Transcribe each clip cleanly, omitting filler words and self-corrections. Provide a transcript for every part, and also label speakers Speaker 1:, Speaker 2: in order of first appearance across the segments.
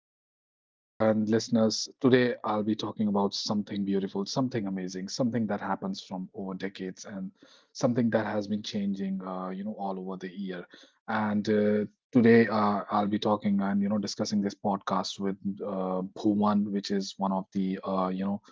Speaker 1: viewers and listeners. Today, I'll be talking about something beautiful, something amazing, something that happens from over decades, and something that has been changing, all over the year. And today, I'll be talking and discussing this podcast with Bhuman, which is one of the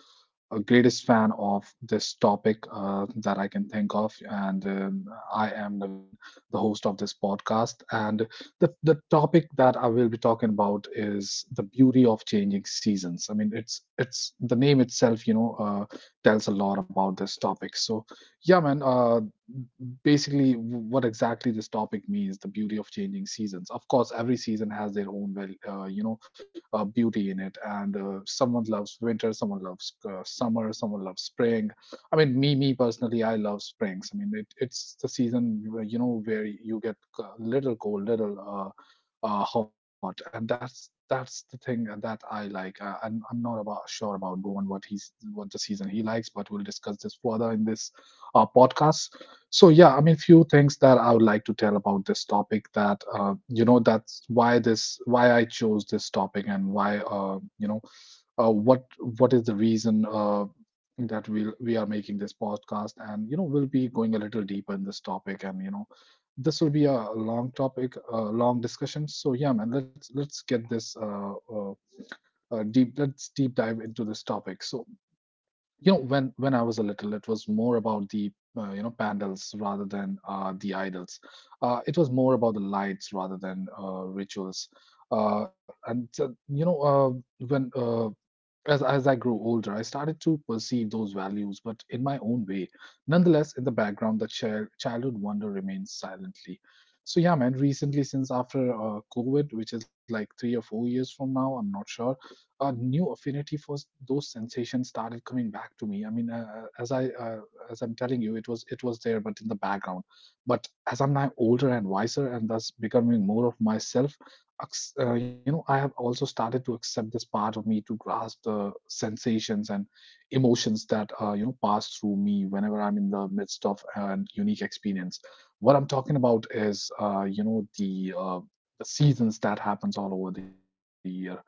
Speaker 1: a greatest fan of this topic that I can think of, and I am Naveen, the host of this podcast. And the topic that I will be talking about is the beauty of changing seasons. I mean, it's the name itself, tells a lot about this topic. So, yeah, man. Basically, what exactly this topic means, the beauty of changing seasons. Of course, every season has their own, beauty in it. And someone loves winter, someone loves summer, someone loves spring. I mean, me personally, I love springs. I mean, it's the season where you get a little cold, little hot, and that's the thing that I like. I'm not about sure about Bowen what he's what the season he likes, but we'll discuss this further in this podcast. So yeah, I mean, few things that I would like to tell about this topic, that that's why, this why I chose this topic, and why uh, what what is the reason that we are making this podcast, and we'll be going a little deeper in this topic. And this will be a long topic, a long discussion. So yeah, man, let's get this deep let's deep dive into this topic. So, when I was a little, it was more about the pandals rather than the idols. It was more about the lights rather than rituals. Uh, and uh, you know uh, when uh, as I grew older, I started to perceive those values, but in my own way. Nonetheless, in the background, the childhood wonder remains silently. So yeah, man. Recently, since after COVID, which is like 3 or 4 years from now, I'm not sure, a new affinity for those sensations started coming back to me. I mean, as I'm telling you, it was there, but in the background. But as I'm now older and wiser, and thus becoming more of myself, I have also started to accept this part of me, to grasp the sensations and emotions that pass through me whenever I'm in the midst of an unique experience. What I'm talking about is, the seasons that happens all over the year. I mean,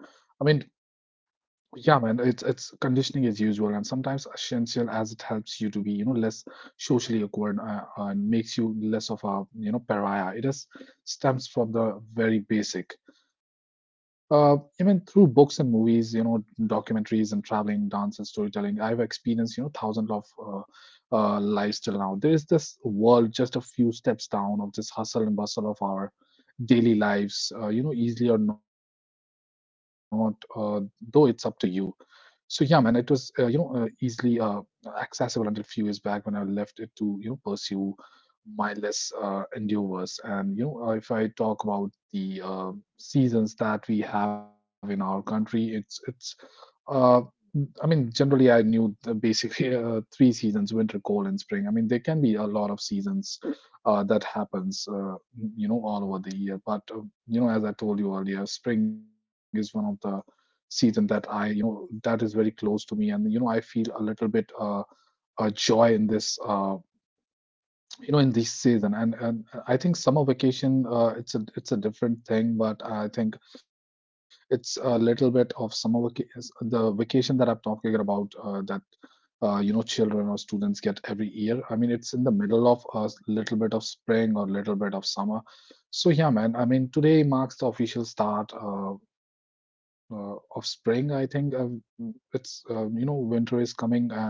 Speaker 1: yeah, man, it's conditioning as usual and sometimes essential, as it helps you to be, less socially awkward, and makes you less of a, pariah. It is stems from the very basic. Even through books and movies, documentaries and traveling, dance and storytelling, I've experienced, thousands of lives till now. There is this world just a few steps down of this hustle and bustle of our daily lives, easily or not, though it's up to you. So yeah, man, it was easily accessible until a few years back when I left it to pursue mindless endeavors. And if I talk about the seasons that we have in our country, it's uh, I mean, generally I knew the basically three seasons: winter, cold, and spring. I mean, there can be a lot of seasons that happens, all over the year. But as I told you earlier, spring is one of the season that that is very close to me, and I feel a little bit joy in this you know in this season. And I think summer vacation, it's a different thing, but I think it's a little bit of summer vacation. The vacation that I'm talking about, that children or students get every year, I mean, it's in the middle of a little bit of spring or little bit of summer. So yeah, man, I mean, today marks the official start of spring, I think. Mm, it's you know Winter is coming, and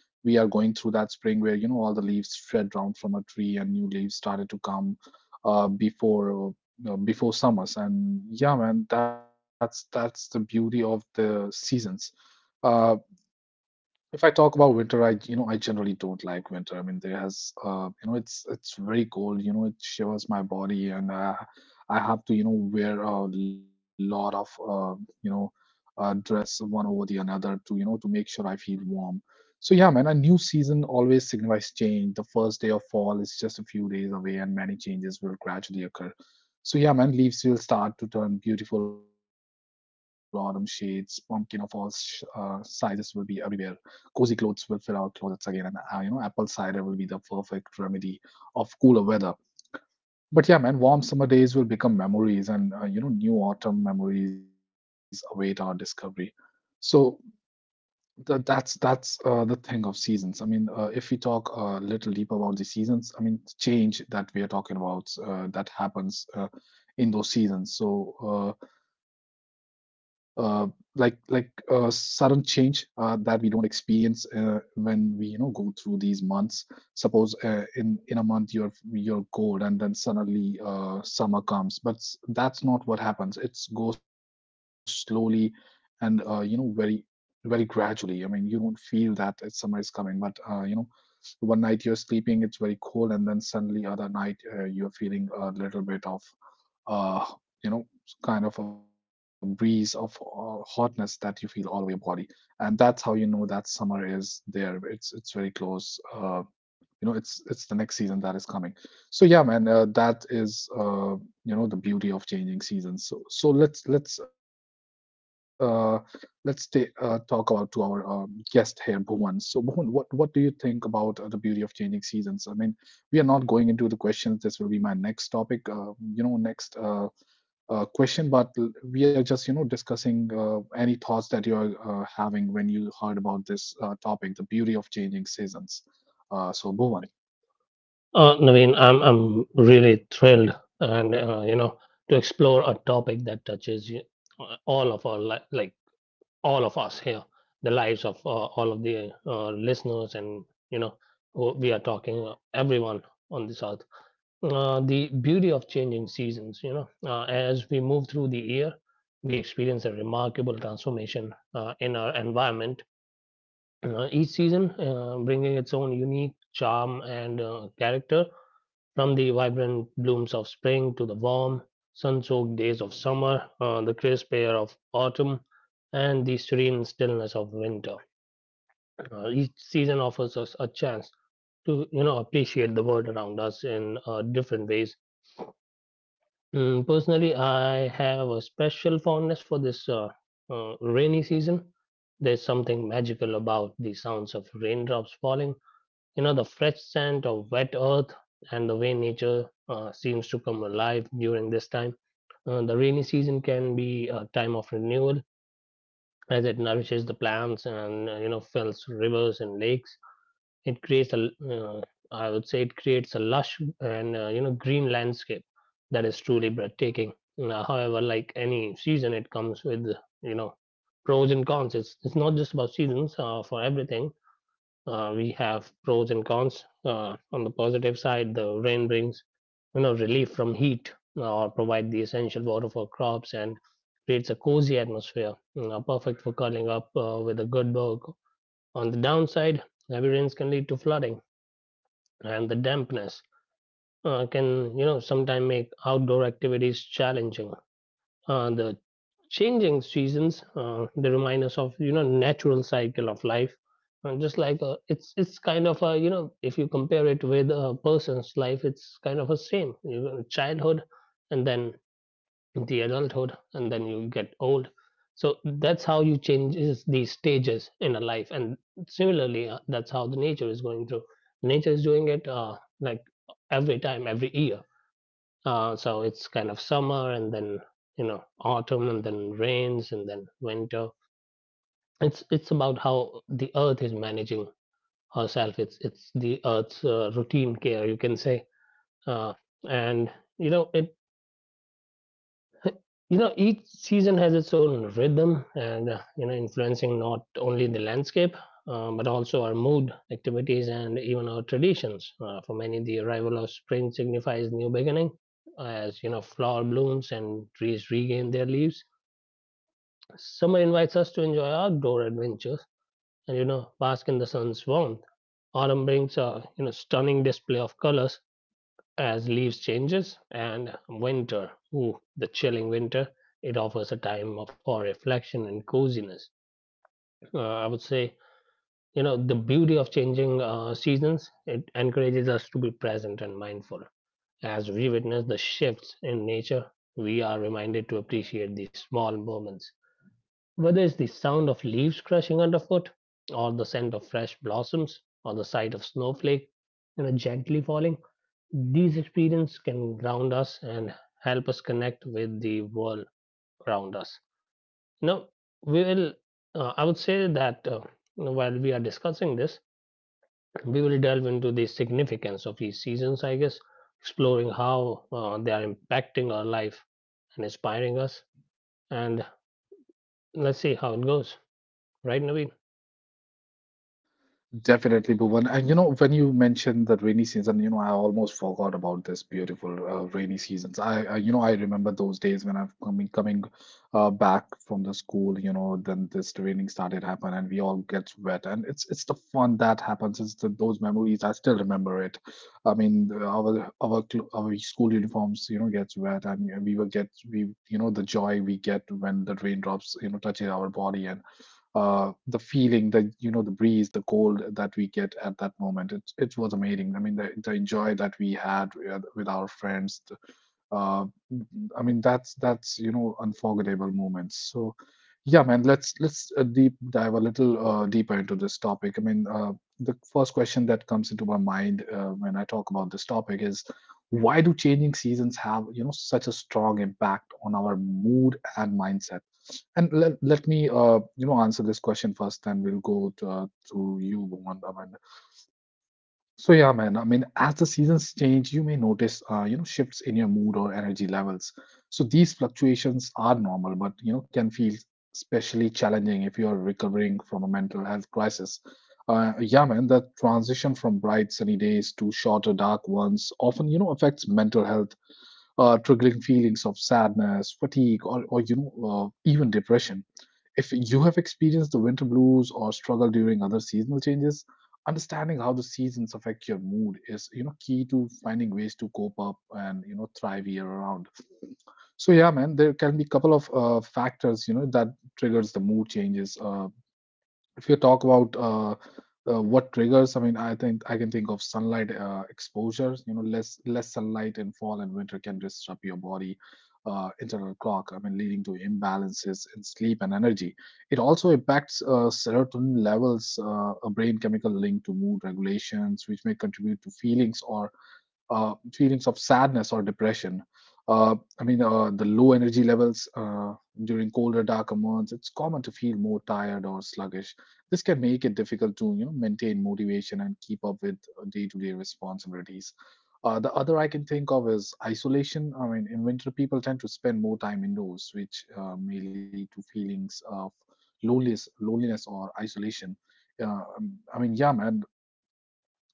Speaker 1: we are going through that spring where all the leaves shed down from a tree and new leaves started to come uh, before before summers. And yeah, man, that's the beauty of the seasons. uh, if I talk about winter, I you know I generally don't like winter. I mean, there has you know it's very cold. It shivers my body, and I have to wear a lot of you know dress one over the another, to you know to make sure I feel warm. So yeah, man, a new season always signifies change. The first day of fall is just a few days away, and many changes will gradually occur. So yeah, man, leaves will start to turn beautiful autumn shades. Pumpkin of all sizes will be everywhere. Cozy clothes will fill our closets again, and apple cider will be the perfect remedy of cooler weather. But yeah, man, warm summer days will become memories, and new autumn memories await our discovery. So that's the thing of seasons. I mean, if we talk a little deeper about the seasons, I mean, change that we are talking about that happens in those seasons. So uh, like a sudden change that we don't experience when we go through these months. Suppose in a month you're cold and then suddenly summer comes, but that's not what happens. It goes slowly and very, very gradually. I mean, you don't feel that summer is coming, but one night you're sleeping, it's very cold, and then suddenly other night you're feeling a little bit of uh, you know, kind of a breeze of hotness that you feel all over your body, and that's how you know that summer is there. It's very close. It's the next season that is coming. So yeah, man, that is the beauty of changing seasons. So let's talk about to our guest here, Bhuvan. So, Bhuvan, what do you think about the beauty of changing seasons? I mean, we are not going into the questions, this will be my next topic, next question, but we are just, discussing any thoughts that you are having when you heard about this topic, the beauty of changing seasons. So, Bhuvan,
Speaker 2: Naveen, I'm really thrilled and to explore a topic that touches you, all of our li- like all of us here, the lives of all of the listeners and you know who we are talking everyone on this earth. The beauty of changing seasons, as we move through the year, we experience a remarkable transformation in our environment. Each season bringing its own unique charm and character, from the vibrant blooms of spring to the warm, sun soaked days of summer, the crisp air of autumn, and the serene stillness of winter, each season offers us a chance to appreciate the world around us in different ways. Personally, I have a special fondness for this rainy season. There's something magical about the sounds of raindrops falling, the fresh scent of wet earth, and the way nature seems to come alive during this time. The rainy season can be a time of renewal as it nourishes the plants and fills rivers and lakes. It creates a l- I would say it creates a lush and green landscape that is truly breathtaking. However, like any season, it comes with you know pros and cons. It's not just about seasons. For everything, we have pros and cons. On the positive side, the rain brings relief from heat, or provide the essential water for crops, and creates a cozy atmosphere, perfect for curling up with a good book. On the downside, heavy rains can lead to flooding, and the dampness can sometimes make outdoor activities challenging. The changing seasons, they remind us of natural cycle of life. And just like, it's kind of a, if you compare it with a person's life, it's kind of a same, childhood and then the adulthood and then you get old. So that's how you changes these stages in a life, and similarly, that's how the nature is going through. Nature is doing it, like every time, every year. So it's kind of summer and then, autumn and then rains and then winter. It's about how the earth is managing herself. It's the earth's routine care, you can say. Uh, and you know it you know Each season has its own rhythm and, influencing not only the landscape, but also our mood, activities, and even our traditions. For many, the arrival of spring signifies new beginning, as flower blooms and trees regain their leaves. Summer invites us to enjoy outdoor adventures and bask in the sun's warmth. Autumn brings a stunning display of colors as leaves changes. And winter, ooh, the chilling winter, it offers a time of, for reflection and coziness. I would say, the beauty of changing seasons, it encourages us to be present and mindful. As we witness the shifts in nature, we are reminded to appreciate these small moments, whether it's the sound of leaves crushing underfoot, or the scent of fresh blossoms, or the sight of snowflake gently falling. These experiences can ground us and help us connect with the world around us. Now, we will, I would say that while we are discussing this, we will delve into the significance of these seasons, I guess, exploring how they are impacting our life and inspiring us. And let's see how it goes. Right, Naveen?
Speaker 1: definitely, Bhuvan. And when you mentioned the rainy season, I almost forgot about this beautiful rainy seasons. I remember those days when I've coming back from the school. Then this raining started happen, and we all get wet, and it's the fun that happens. It's those memories. I still remember it. I mean, our school uniforms, gets wet, and we were get we, you know, the joy we get when the raindrops, touches our body, and the feeling, the breeze, the cold that we get at that moment. It was amazing. I mean, the joy that we had with our friends, uh, I mean, that's unforgettable moments. So, yeah, man, let's deep dive a little deeper into this topic. I mean, the first question that comes into my mind when I talk about this topic is, why do changing seasons have such a strong impact on our mood and mindset? And let me answer this question first, then we'll go to you, Bhuvan. So yeah, man. I mean, as the seasons change, you may notice, shifts in your mood or energy levels. So these fluctuations are normal, but can feel especially challenging if you are recovering from a mental health crisis. Yeah, man. That transition from bright sunny days to shorter dark ones often, you know, affects mental health triggering feelings of sadness, fatigue, or even depression. If you have experienced the winter blues or struggle during other seasonal changes, understanding how the seasons affect your mood is, you know, key to finding ways to cope up and, you know, thrive year around. So yeah, man, there can be a couple of factors, you know, that triggers the mood changes. If you talk about what triggers, I mean, I think I can think of sunlight exposure. You know, less sunlight in fall and winter can disrupt your body internal clock. I mean, leading to imbalances in sleep and energy. It also impacts serotonin levels, a brain chemical linked to mood regulations, which may contribute to feelings of sadness or depression. The low energy levels during colder, darker months, it's common to feel more tired or sluggish. This can make it difficult to, you know, maintain motivation and keep up with day-to-day responsibilities. The other I can think of is isolation. I mean, in winter, people tend to spend more time indoors, which may lead to feelings of loneliness or isolation. Yeah, man.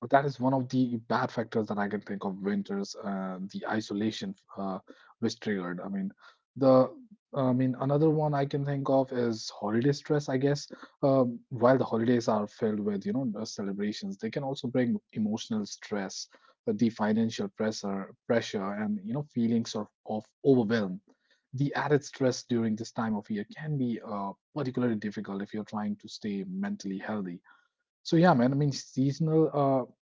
Speaker 1: But that is one of the bad factors that I can think of winters, the isolation which triggered. I mean, the I mean another one I can think of is holiday stress. I guess while the holidays are filled with, you know, the celebrations, they can also bring emotional stress, the financial pressure, and, you know, feelings of, overwhelm. The added stress during this time of year can be particularly difficult if you're trying to stay mentally healthy. So yeah, man. I mean, seasonal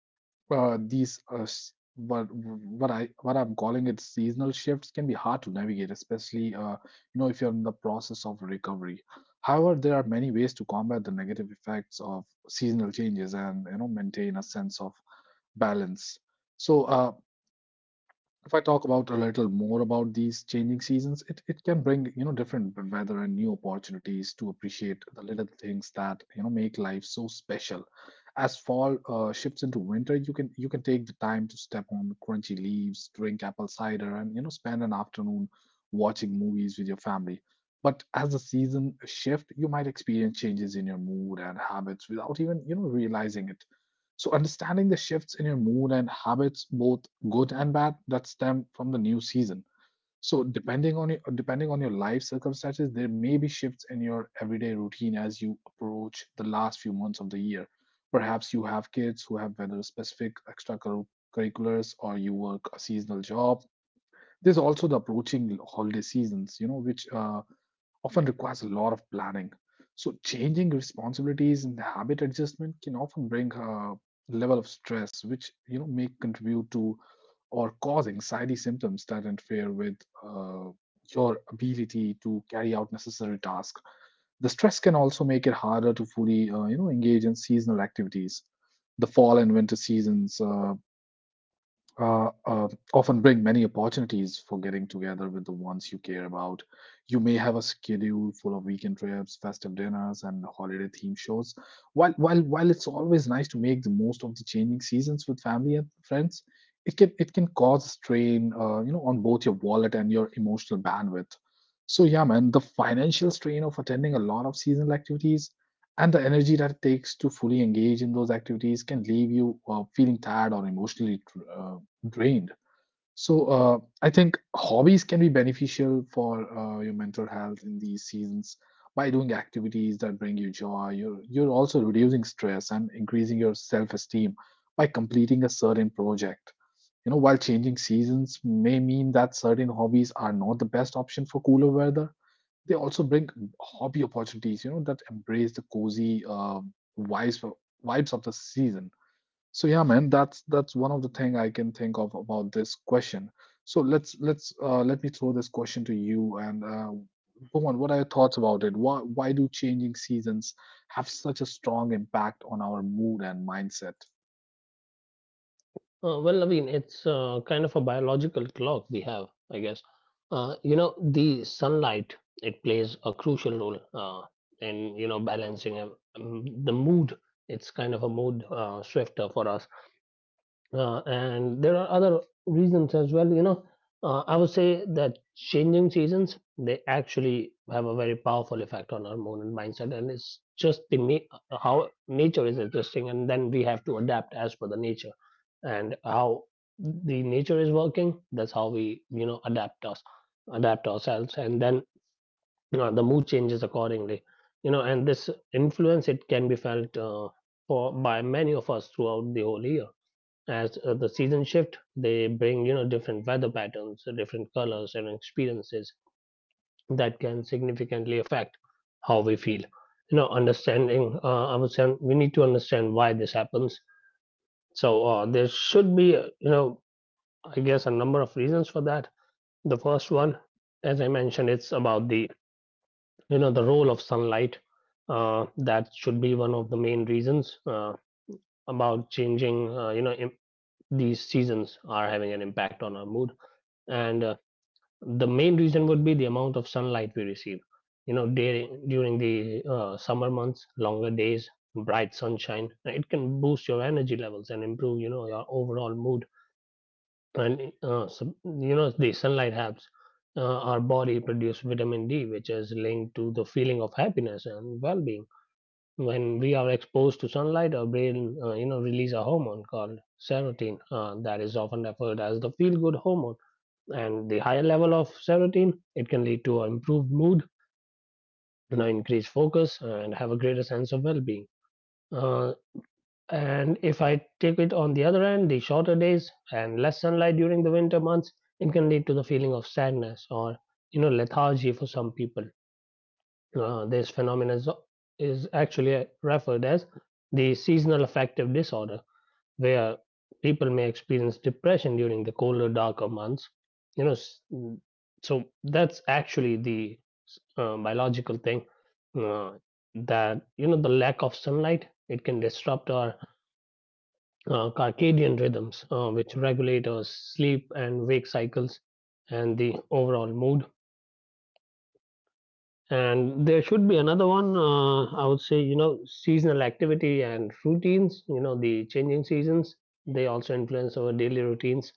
Speaker 1: these s- what I what I'm calling it seasonal shifts can be hard to navigate, especially, you know, if you're in the process of recovery. However, there are many ways to combat the negative effects of seasonal changes and, you know, maintain a sense of balance. So if I talk about a little more about these changing seasons, it can bring, you know, different weather and new opportunities to appreciate the little things that, you know, make life so special. As fall shifts into winter, you can take the time to step on crunchy leaves, drink apple cider, and, you know, spend an afternoon watching movies with your family. But as the season shift, you might experience changes in your mood and habits without even, you know, realizing it, so understanding the shifts in your mood and habits, both good and bad, that stem from the new season. So depending on your life circumstances, there may be shifts in your everyday routine as you approach the last few months of the year. Perhaps you have kids who have whether specific extracurriculars or you work a seasonal job. There's also the approaching holiday seasons, you know, which often requires a lot of planning. So, changing responsibilities and habit adjustment can often bring a level of stress, which, you know, may contribute to or cause anxiety symptoms that interfere with uh, your ability to carry out necessary tasks. The stress can also make it harder to fully, you know, engage in seasonal activities. The fall and winter seasons uh, uh, often bring many opportunities for getting together with the ones you care about. You may have a schedule full of weekend trips, festive dinners, and holiday themed shows. While it's always nice to make the most of the changing seasons with family and friends, it can cause strain, you know, on both your wallet and your emotional bandwidth. So yeah, man, the financial strain of attending a lot of seasonal activities and the energy that it takes to fully engage in those activities can leave you feeling tired or emotionally uh, drained. So I think hobbies can be beneficial for your mental health in these seasons by doing activities that bring you joy. You're also reducing stress and increasing your self-esteem by completing a certain project. You know, while changing seasons may mean that certain hobbies are not the best option for cooler weather, they also bring hobby opportunities, you know, that embrace the cozy vibes vibes of the season. So yeah, man, that's one of the thing I can think of about this question. So let me throw this question to you, and Bhuvan, what are your thoughts about it? Why do changing seasons have such a strong impact on our mood and mindset?
Speaker 2: Well, I mean, it's kind of a biological clock we have, I guess. You know, the sunlight, it plays a crucial role in, you know, balancing, the mood. It's kind of a mood swifter for us, and there are other reasons as well, I would say that changing seasons, they actually have a very powerful effect on our mood and mindset. And it's just how nature is adjusting, and then we have to adapt as per the nature. And how the nature is working, that's how we adapt ourselves, and then, the mood changes accordingly. And this influence, it can be felt for, by many of us throughout the whole year. As the seasons shift, they bring, different weather patterns, different colors, and experiences that can significantly affect how we feel. Understanding, I would say, we need to understand why this happens. So there should be, I guess, a number of reasons for that. The first one, as I mentioned, it's about the, the role of sunlight. That should be one of the main reasons about changing, these seasons are having an impact on our mood. And the main reason would be the amount of sunlight we receive. During the summer months, longer days, bright sunshine, it can boost your energy levels and improve, your overall mood. And some, you know, the sunlight helps our body produce vitamin D, which is linked to the feeling of happiness and well-being. When we are exposed to sunlight, our brain, release a hormone called serotonin, that is often referred as the feel good hormone. And the higher level of serotonin, it can lead to an improved mood, increased focus, and have a greater sense of well-being. uh, and if I take it on the other end, the shorter days and less sunlight during the winter months, it can lead to the feeling of sadness, or lethargy for some people. This phenomenon is actually referred as the seasonal affective disorder, where people may experience depression during the colder, darker months. You know, s- mm, so that's actually the biological thing, uh, that the lack of sunlight, it can disrupt our circadian rhythms, which regulate our sleep and wake cycles and the overall mood. And there should be another one. I would say, seasonal activity and routines. You know, the changing seasons, they also influence our daily routines.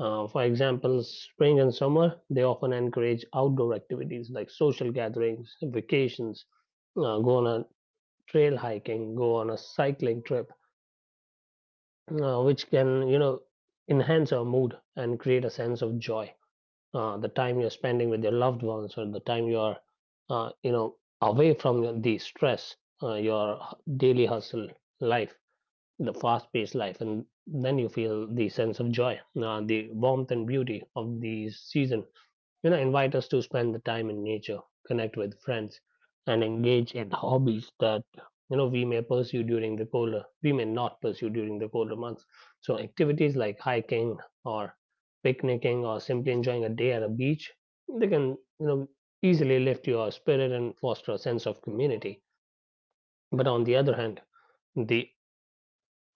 Speaker 2: For example, spring and summer, they often encourage outdoor activities like social gatherings, vacations, go on a trail hiking, go on a cycling trip, which can, you know, enhance our mood and create a sense of joy. The time you're spending with your loved ones, or the time you are, uh, you know, away from the stress, your daily hustle life, the fast paced life, and then you feel the sense of joy. The warmth and beauty of the season, invite us to spend the time in nature, connect with friends, and engage in hobbies that, we may not pursue during the colder months. So activities like hiking, or picnicking, or simply enjoying a day at a beach, they can, you know easily lift your spirit and foster a sense of community. But on the other hand, the,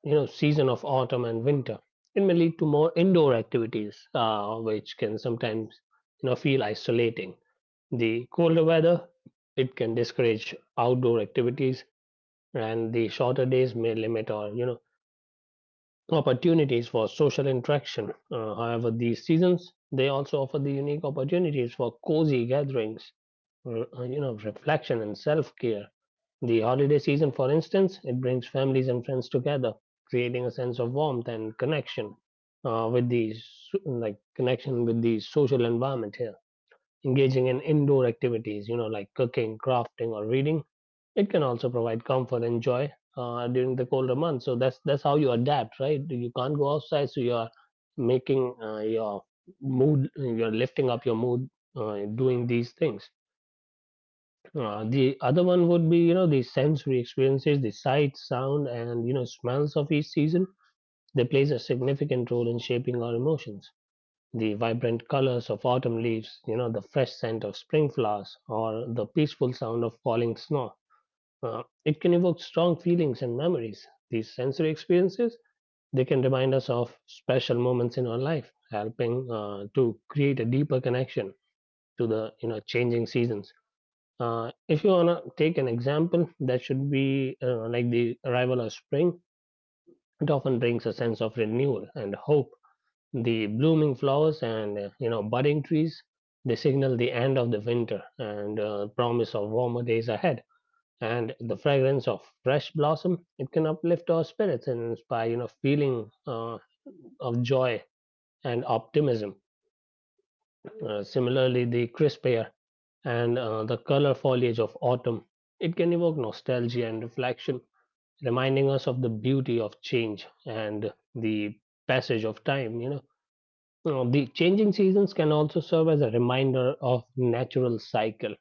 Speaker 2: season of autumn and winter, it may lead to more indoor activities, which can sometimes, feel isolating. The colder weather, it can discourage outdoor activities, and the shorter days may limit our, you know, opportunities for social interaction. However, these seasons, they also offer the unique opportunities for cozy gatherings, reflection, and self-care. The holiday season, for instance, it brings families and friends together, creating a sense of warmth and connection, with these, like connection with the social environment here. Engaging in indoor activities, you know, like cooking, crafting, or reading, it can also provide comfort and joy during the colder months. So that's how you adapt, right? You can't go outside, so you are making your mood, you're lifting up your mood, doing these things. The other one would be, you know, the sensory experiences, the sight, sound, and, smells of each season. They plays a significant role in shaping our emotions, the vibrant colors of autumn leaves, you know, the fresh scent of spring flowers, or the peaceful sound of falling snow. It can evoke strong feelings and memories. These sensory experiences, they can remind us of special moments in our life, helping to create a deeper connection to the, changing seasons. If you wanna take an example, that should be like the arrival of spring. It often brings a sense of renewal and hope, the blooming flowers and budding trees. They signal the end of the winter and promise of warmer days ahead, and the fragrance of fresh blossom, it can uplift our spirits and inspire feeling of joy and optimism. Similarly, the crisp air and the color foliage of autumn, it can evoke nostalgia and reflection, reminding us of the beauty of change and the passage of time. The changing seasons can also serve as a reminder of natural cycle.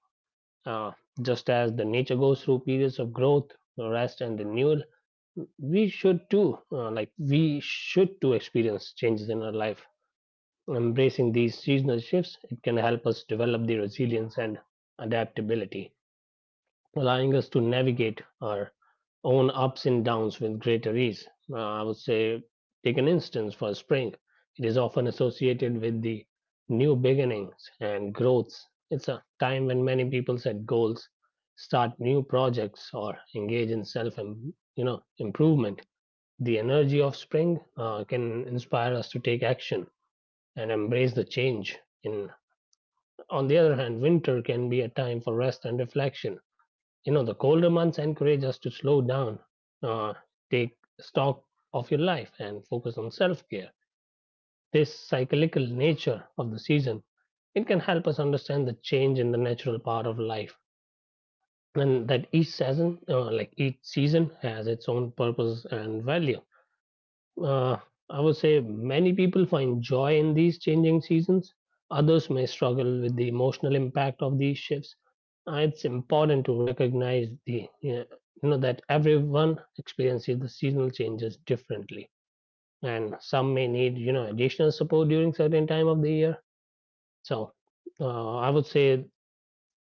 Speaker 2: Uh, just as the nature goes through periods of growth, rest, and renewal, we should too experience changes in our life. Embracing these seasonal shifts, it can help us develop the resilience and adaptability, allowing us to navigate our own ups and downs with greater ease. I would say, take an instance for spring. It is often associated with the new beginnings and growths. It's a time when many people set goals, start new projects, or engage in self improvement. The energy of spring can inspire us to take action and embrace the change. In on the other hand, winter can be a time for rest and reflection. You know, the colder months encourage us to slow down, uh, take stock of your life and focus on self-care. This cyclical nature of the season, it can help us understand the change in the natural part of life, and that each season has its own purpose and value. uh, I would say many people find joy in these changing seasons. Others may struggle with the emotional impact of these shifts. It's important to recognize the you know that everyone experiences the seasonal changes differently, and some may need additional support during certain time of the year. So I would say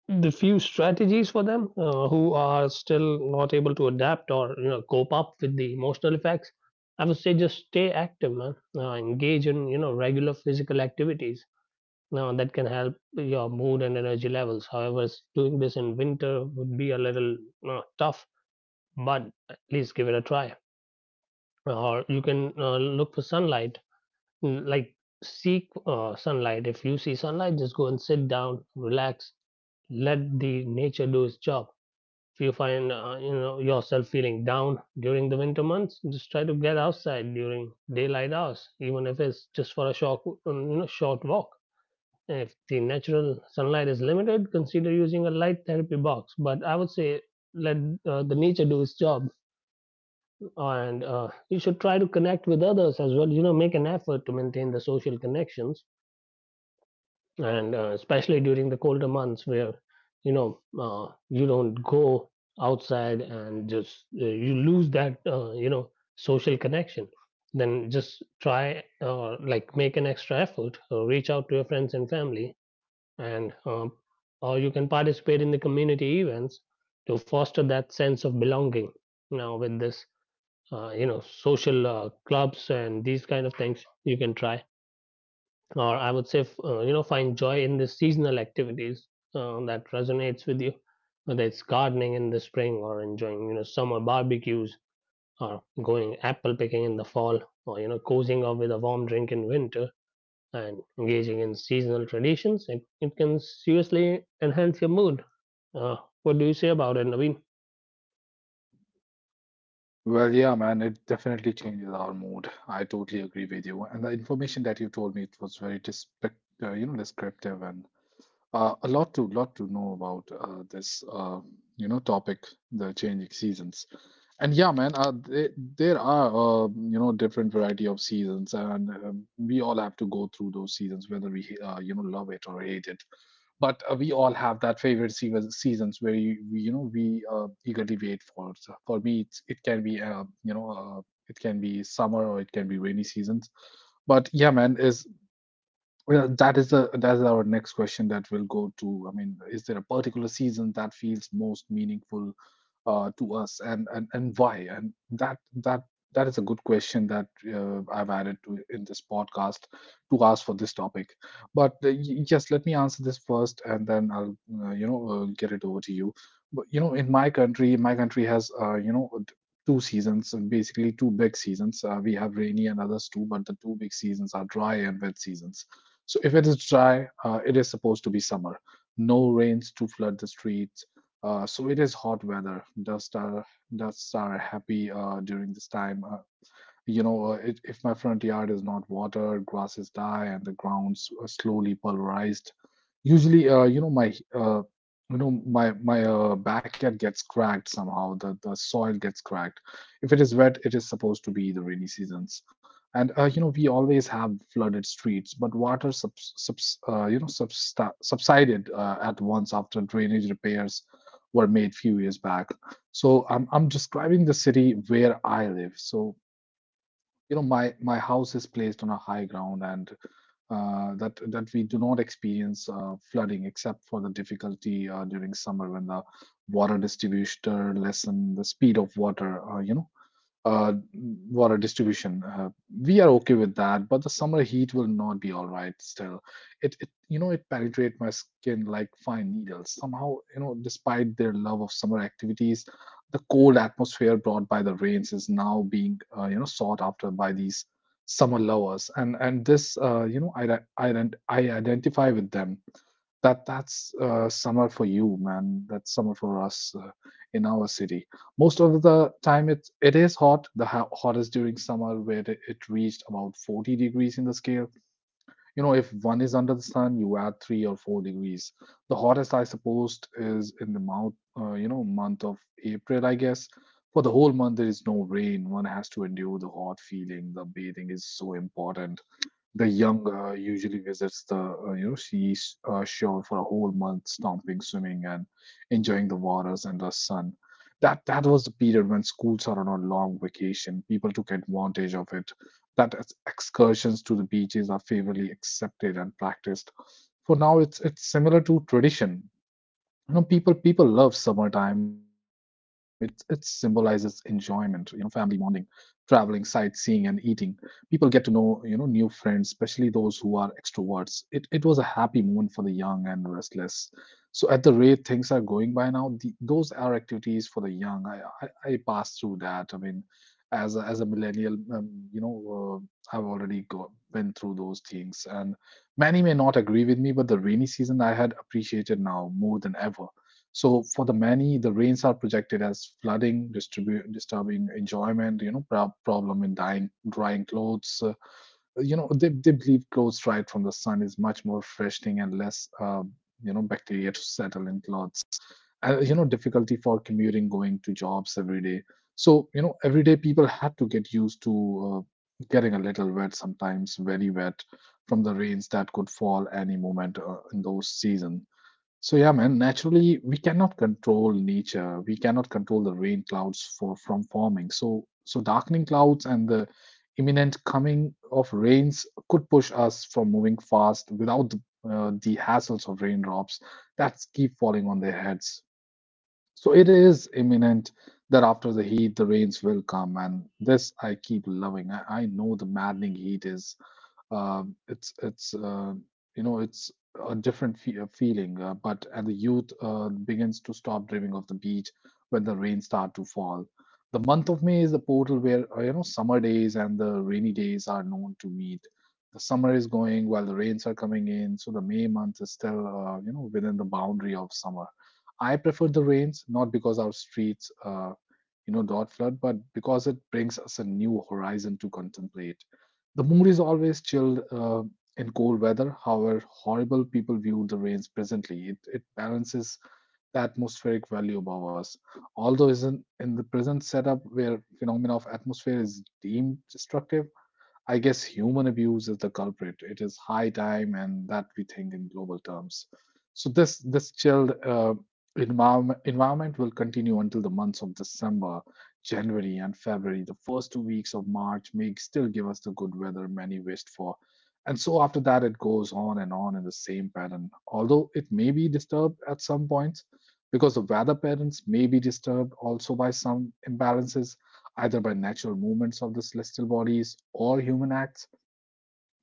Speaker 2: the few strategies for them who are still not able to adapt or cope up with the emotional effects, I would say just stay active, man. Engage in regular physical activities. Now that can help your mood and energy levels. However, doing this in winter would be a little tough, but at least give it a try. Or you can look for sunlight. Like, seek sunlight. If you see sunlight, just go and sit down, relax, let the nature do its job. If you find yourself feeling down during the winter months, just try to get outside during daylight hours, even if it's just for a short you know short walk. And if the natural sunlight is limited, consider using a light therapy box. But I would say, let the nature do its job, and you should try to connect with others as well. You know, make an effort to maintain the social connections, and especially during the colder months where you don't go outside and just you lose that social connection, then just try like make an extra effort, reach out to your friends and family, and or you can participate in the community events to foster that sense of belonging. Now with this social clubs and these kind of things, you can try. Or I would say, find joy in the seasonal activities that resonates with you, whether it's gardening in the spring, or enjoying, you know, summer barbecues, or going apple picking in the fall, or, you know, cozying up with a warm drink in winter, and engaging in seasonal traditions. It can seriously enhance your mood. Uh, what do you say about it, Naveen?
Speaker 1: Well, yeah, man, it definitely changes our mood. I totally agree with you. And the information that you told me, it was very you know, descriptive and a lot to lot to know about this, you know, topic, the changing seasons. And yeah, man, there are, you know, different variety of seasons, and we all have to go through those seasons, whether we, you know, love it or hate it. But we all have that favorite season, seasons where you, we you know we eagerly wait for. So for me, it can be, you know, it can be summer or it can be rainy seasons. But yeah, man, that is a that is our next question that will go to. I mean, is there a particular season that feels most meaningful to us, and, and why? And that is a good question that I've added to in this podcast to ask for this topic. But yes, let me answer this first, and then I'll you know, get it over to you. But you know, in my country has, you know, two seasons, and basically two big seasons. We have rainy and others too, but the two big seasons are dry and wet seasons. So if it is dry, it is supposed to be summer. No rains to flood the streets. So it is hot weather. Dusts are happy, during this time. If, my front yard is not watered, grasses die, and the ground's slowly pulverized. Usually, you know my my backyard gets cracked somehow. The soil gets cracked. If it is wet, it is supposed to be the rainy seasons. And, you know, we always have flooded streets, but water subs, subs you know substa subsided at once after drainage repairs were made few years back. So I'm describing the city where I live. So, you know, my house is placed on a high ground, and that that we do not experience flooding except for the difficulty during summer when the water distributor lessen the speed of water, uh, water distribution. We are okay with that, but the summer heat will not be all right still. It it penetrates my skin like fine needles. Somehow, you know, despite their love of summer activities, the cold atmosphere brought by the rains is now being, you know, sought after by these summer lovers, and this, you know, I identify with them. That's summer for you, man. That's summer for us in our city. Most of the time, it is hot. The hottest during summer, where it reached about 40 degrees in the scale. You know, if one is under the sun, you add 3 or 4 degrees. The hottest, I suppose, is in the month, month of April, I guess. For the whole month, there is no rain. One has to endure the hot feeling. The bathing is so important. The young usually visits the, you know seas shore for a whole month, stomping, swimming, and enjoying the waters and the sun. That was the period when schools are on a long vacation. People took advantage of it. Excursions to the beaches are favorably accepted and practiced. For now, it's similar to tradition. People love summertime. It symbolizes enjoyment, family bonding, traveling, sightseeing, and eating. People get to know, new friends, especially those who are extroverts. It was a happy moment for the young and restless. So at the rate things are going by now, those are activities for the young. I passed through that, I mean, as a millennial, you know, I've been through those things. And many may not agree with me, but the rainy season I had appreciated now more than ever. So for the many, the rains are projected as flooding, disturbing enjoyment, you know, problem in dying, drying clothes. You know, they believe clothes dried from the sun is much more freshening and less, you know, bacteria to settle in clothes, and you know, difficulty for commuting, going to jobs every day. So you know, everyday people had to get used to uh, getting a little wet, sometimes very wet, from the rains that could fall any moment in those seasons. So yeah, man, naturally we cannot control nature. We cannot control the rain clouds for from forming. So darkening clouds and the imminent coming of rains could push us from moving fast without the hassles of raindrops that keep falling on their heads. So it is imminent that after the heat, the rains will come, and this I keep loving. I know the maddening heat is, it's you know it's a different fe a feeling, but and the youth begins to stop dreaming of the beach when the rains start to fall. The month of May is the portal where you know, summer days and the rainy days are known to meet. The summer is going while the rains are coming in, so the May month is still, you know, within the boundary of summer. I prefer the rains, not because our streets, you know, don't flood, but because it brings us a new horizon to contemplate. The mood is always chilled in cold weather, however horrible people view the rains presently. It balances the atmospheric value above us. Although isn't in the present setup where phenomena of atmosphere is deemed destructive, I guess human abuse is the culprit. It is high time, and that we think in global terms. So this chilled, environment will continue until the months of December, January, and February. The first 2 weeks of March may still give us the good weather many wished for, and so after that it goes on and on in the same pattern. Although it may be disturbed at some points because the weather patterns may be disturbed also by some imbalances, either by natural movements of the celestial bodies or human acts.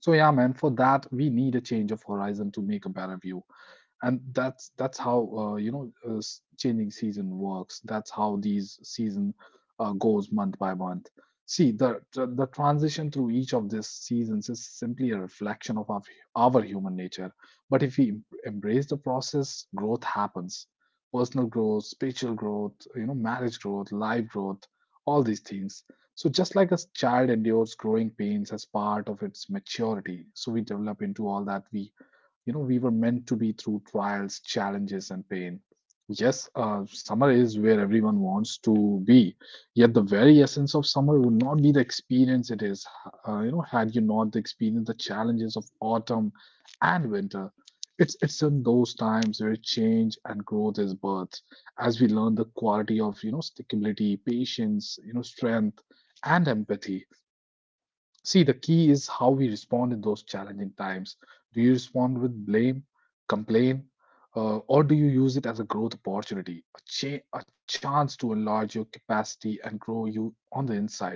Speaker 1: So, yeah, man, for that, we need a change of horizon to make a better view. And that's how, you know, changing season works. That's how these season goes month by month. See, the transition through each of these seasons is simply a reflection of our human nature. But if we embrace the process, growth happens. Personal growth, spiritual growth, you know, marriage growth, life growth, all these things. So just like a child endures growing pains as part of its maturity, so we develop into all that we, you know, we were meant to be through trials, challenges, and pain. Yes, summer is where everyone wants to be. Yet the very essence of summer would not be the experience it is, you know, had you not experienced the challenges of autumn and winter. It's in those times where change and growth is birth, as we learn the quality of, you know, stickability, patience, you know, strength, and empathy. See, the key is how we respond in those challenging times. Do you respond with blame, complain, or do you use it as a growth opportunity, a chance to enlarge your capacity and grow you on the inside?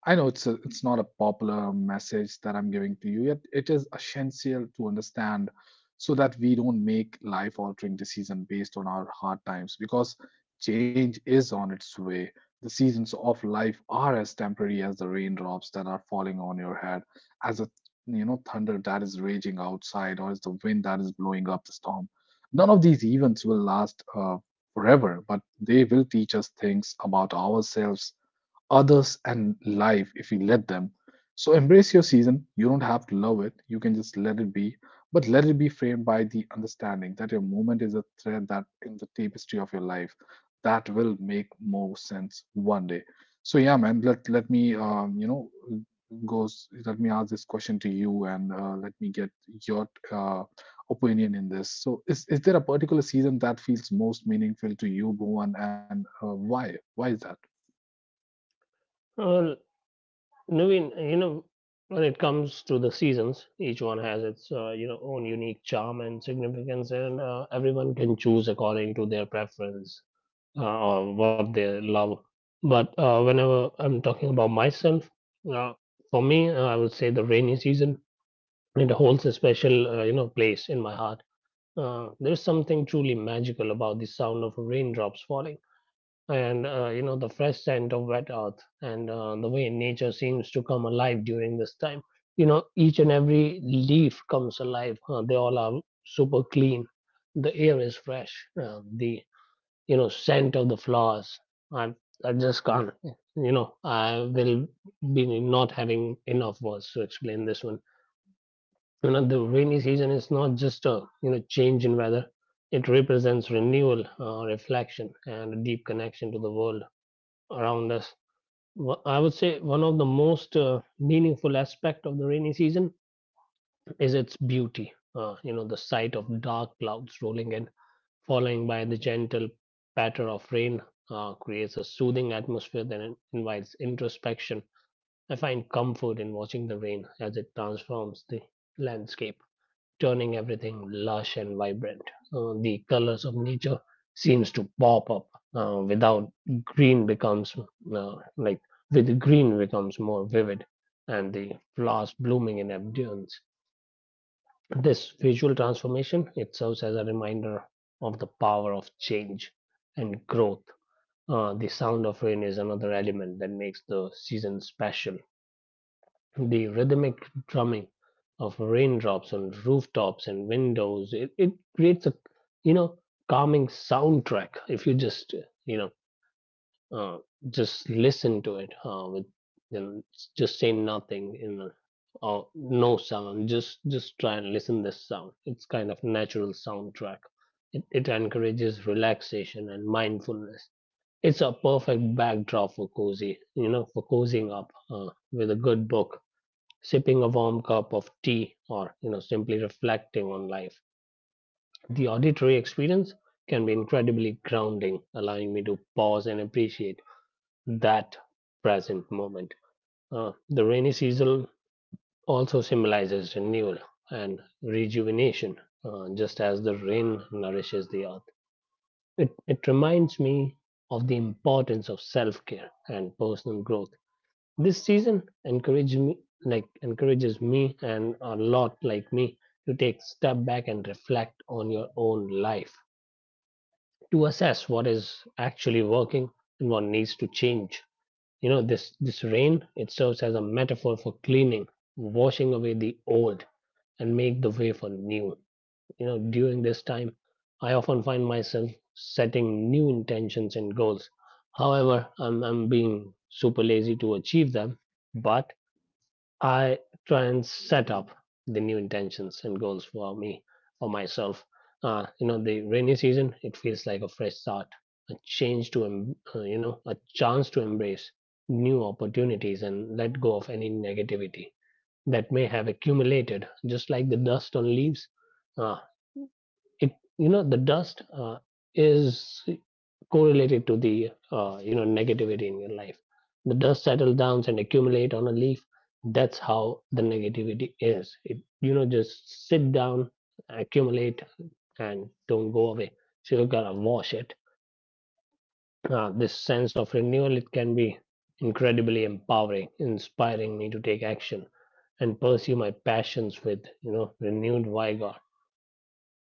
Speaker 1: I know it's not a popular message that I'm giving to you, yet it is essential to understand so that we don't make life-altering decisions based on our hard times, because change is on its way. The seasons of life are as temporary as the raindrops that are falling on your head, as a, you know, thunder that is raging outside, or as the wind that is blowing up the storm. None of these events will last, forever, but they will teach us things about ourselves, others, and life if we let them. So embrace your season. You don't have to love it. You can just let it be, but let it be framed by the understanding that your moment is a thread that in the tapestry of your life that will make more sense one day. So yeah, man. Let me, you know, goes. Let me ask this question to you, and let me get your, opinion in this. So is there a particular season that feels most meaningful to you, Bhuvan, and why? Why is that?
Speaker 2: Well, Naveen, you know, when it comes to the seasons, each one has its own unique charm and significance, and everyone can choose according to their preference or what they love. But whenever I'm talking about myself, uh, for me, I would say the rainy season. It holds a special place in my heart. There's something truly magical about the sound of raindrops falling, and the fresh scent of wet earth, and the way nature seems to come alive during this time. You know, each and every leaf comes alive, they all are super clean, the air is fresh, the scent of the flowers. I i just can't, I will be not having enough words to explain this one. You know, the rainy season is not just a change in weather, it represents renewal, reflection, and a deep connection to the world around us. I would say one of the most meaningful aspect of the rainy season is its beauty. You know, the sight of dark clouds rolling in, following by the gentle patter of rain, creates a soothing atmosphere that invites introspection. I find comfort in watching the rain as it transforms the landscape, turning everything lush and vibrant. The colors of nature seems to pop up, without green becomes like with green becomes more vivid, and the flowers blooming in abundance. This visual transformation, it serves as a reminder of the power of change and growth. The sound of rain is another element that makes the season special. The rhythmic drumming of raindrops on rooftops and windows, it creates a, you know, calming soundtrack. If you just, you know, uh, just listen to it with, you know, just say nothing in a, or no sound, just try and listen this sound. It's kind of natural soundtrack. It encourages relaxation and mindfulness. It's a perfect backdrop for cozying up with a good book, sipping a warm cup of tea, or you know, simply reflecting on life. The auditory experience can be incredibly grounding, allowing me to pause and appreciate that present moment. The rainy season also symbolizes renewal and rejuvenation. Just as the rain nourishes the earth, it reminds me of the importance of self-care and personal growth. This season encouraged me like encourages me and a lot like me to take step back and reflect on your own life, to assess what is actually working and what needs to change. You know, this rain, it serves as a metaphor for cleaning, washing away the old and make the way for new. You know, during this time I often find myself setting new intentions and goals. However, I'm being super lazy to achieve them, but I try and set up the new intentions and goals for me, for myself. You know, the rainy season, it feels like a fresh start, a change to, em- you know, a chance to embrace new opportunities and let go of any negativity that may have accumulated, just like the dust on leaves. Uh, it, you know, the dust is correlated to the negativity in your life. The dust settles down and accumulate on a leaf. That's how the negativity is, it just sit down, accumulate, and don't go away, so you gotta wash it. This sense of renewal, it can be incredibly empowering, inspiring me to take action and pursue my passions with renewed vigor.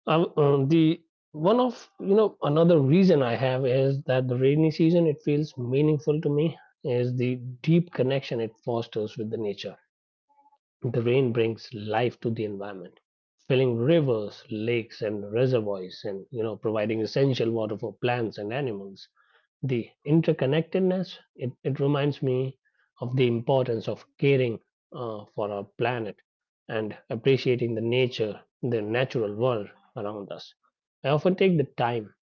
Speaker 2: The one of, you know, another reason I have is that the rainy season, it feels meaningful to me, is the deep connection it fosters with the nature. The rain brings life to the environment, filling rivers, lakes, and reservoirs, and you know, providing essential water for plants and animals. The interconnectedness, it reminds me of the importance of caring for our planet, and appreciating the nature, the natural world around us. I often take the time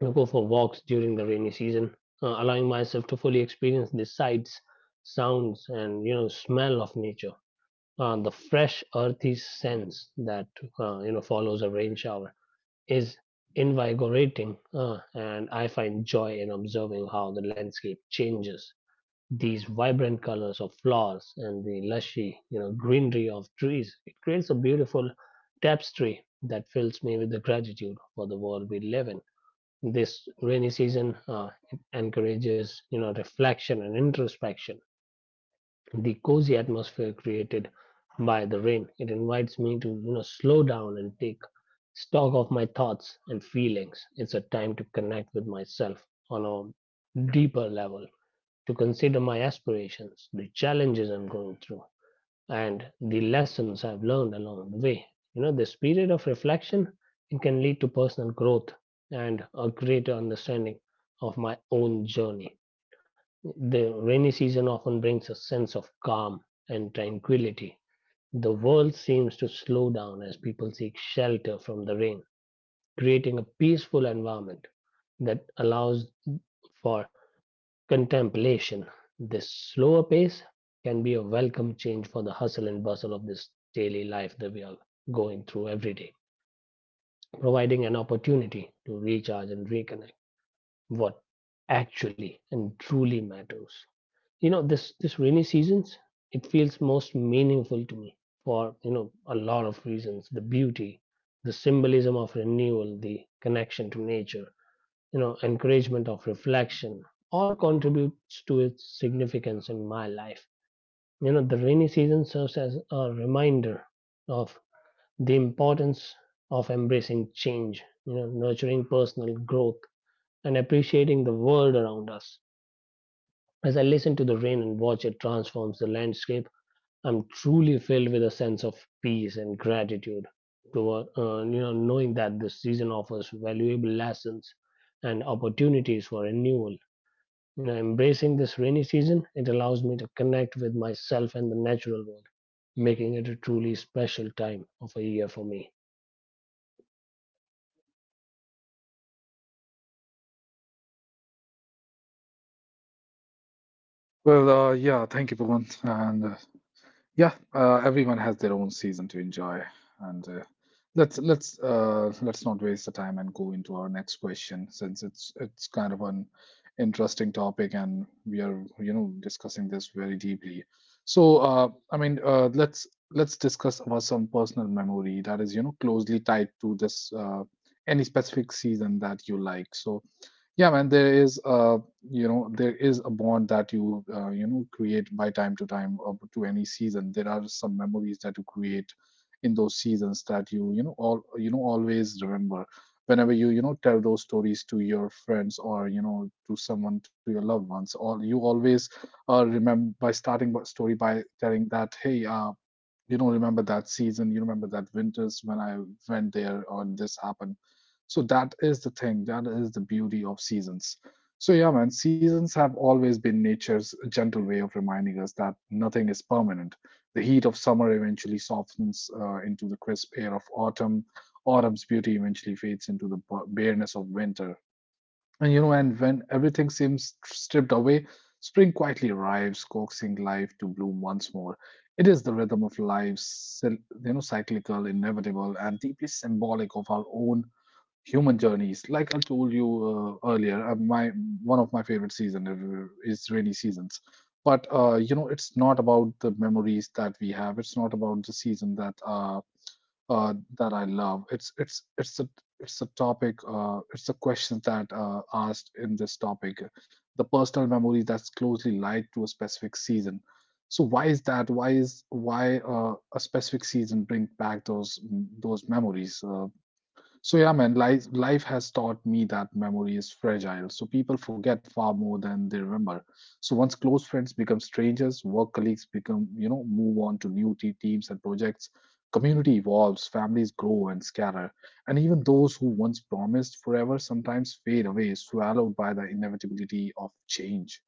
Speaker 2: to go for walks during the rainy season, allowing myself to fully experience the sights, sounds, and you know, smell of nature. The fresh earthy sense that follows a rain shower is invigorating, and I find joy in observing how the landscape changes. These vibrant colors of flowers and the lushy, you know, greenery of trees, it creates a beautiful tapestry that fills me with the gratitude for the world we live in. This rainy season encourages, you know, reflection and introspection. The cozy atmosphere created by the rain, it invites me to, you know, slow down and take stock of my thoughts and feelings. It's a time to connect with myself on a deeper level, to consider my aspirations, the challenges I'm going through, and the lessons I've learned along the way. You know, this period of reflection, it can lead to personal growth and a greater understanding of my own journey. The rainy season often brings a sense of calm and tranquility. The world seems to slow down as people seek shelter from the rain, creating a peaceful environment that allows for contemplation. This slower pace can be a welcome change for the hustle and bustle of this daily life that we are going through every day, providing an opportunity to recharge and reconnect what actually and truly matters. This rainy seasons it feels most meaningful to me for a lot of reasons. The beauty, the symbolism of renewal, the connection to nature, encouragement of reflection, all contributes to its significance in my life. The rainy season serves as a reminder of the importance of embracing change, nurturing personal growth and appreciating the world around us. As I listen to the rain and watch it transforms the landscape, I'm truly filled with a sense of peace and gratitude toward knowing that this season offers valuable lessons and opportunities for renewal. You know, embracing this rainy season, it allows me to connect with myself and the natural world, making it a truly special time of a year for me.
Speaker 1: Well, yeah, thank you, Bhuvan. And yeah, everyone has their own season to enjoy. And let's not waste the time and go into our next question, since it's kind of an interesting topic and we are, you know, discussing this very deeply. So, I mean, let's discuss about some personal memory that is, you know, closely tied to this, any specific season that you like. So, yeah man, there is a, you know, there is a bond that you, you know, create by time to time or to any season. There are some memories that you create in those seasons that you know, all you know, always remember whenever you, you know, tell those stories to your friends, or you know, to someone, to your loved ones, all you always, remember by starting by story by telling that, hey, you know, remember that season, you remember that winters when I went there and this happened. So that is the thing, that is the beauty of seasons. So yeah man, seasons have always been nature's gentle way of reminding us that nothing is permanent. The heat of summer eventually softens, into the crisp air of autumn. Autumn's beauty eventually fades into the bareness of winter, and you know, and when everything seems stripped away, spring quietly arrives, coaxing life to bloom once more. It is the rhythm of life, you know, cyclical, inevitable, and deeply symbolic of our own human journeys. Like I told you, earlier, my one of my favorite season is rainy seasons. But you know, it's not about the memories that we have. It's not about the season that that I love. It's a topic. It's a question that asked in this topic, the personal memory that's closely linked to a specific season. So why is that? Why a specific season bring back those memories? So yeah, man, life has taught me that memory is fragile. So people forget far more than they remember. So once close friends become strangers, work colleagues become, you know, move on to new teams and projects. Community evolves, families grow and scatter, and even those who once promised forever sometimes fade away, swallowed by the inevitability of change.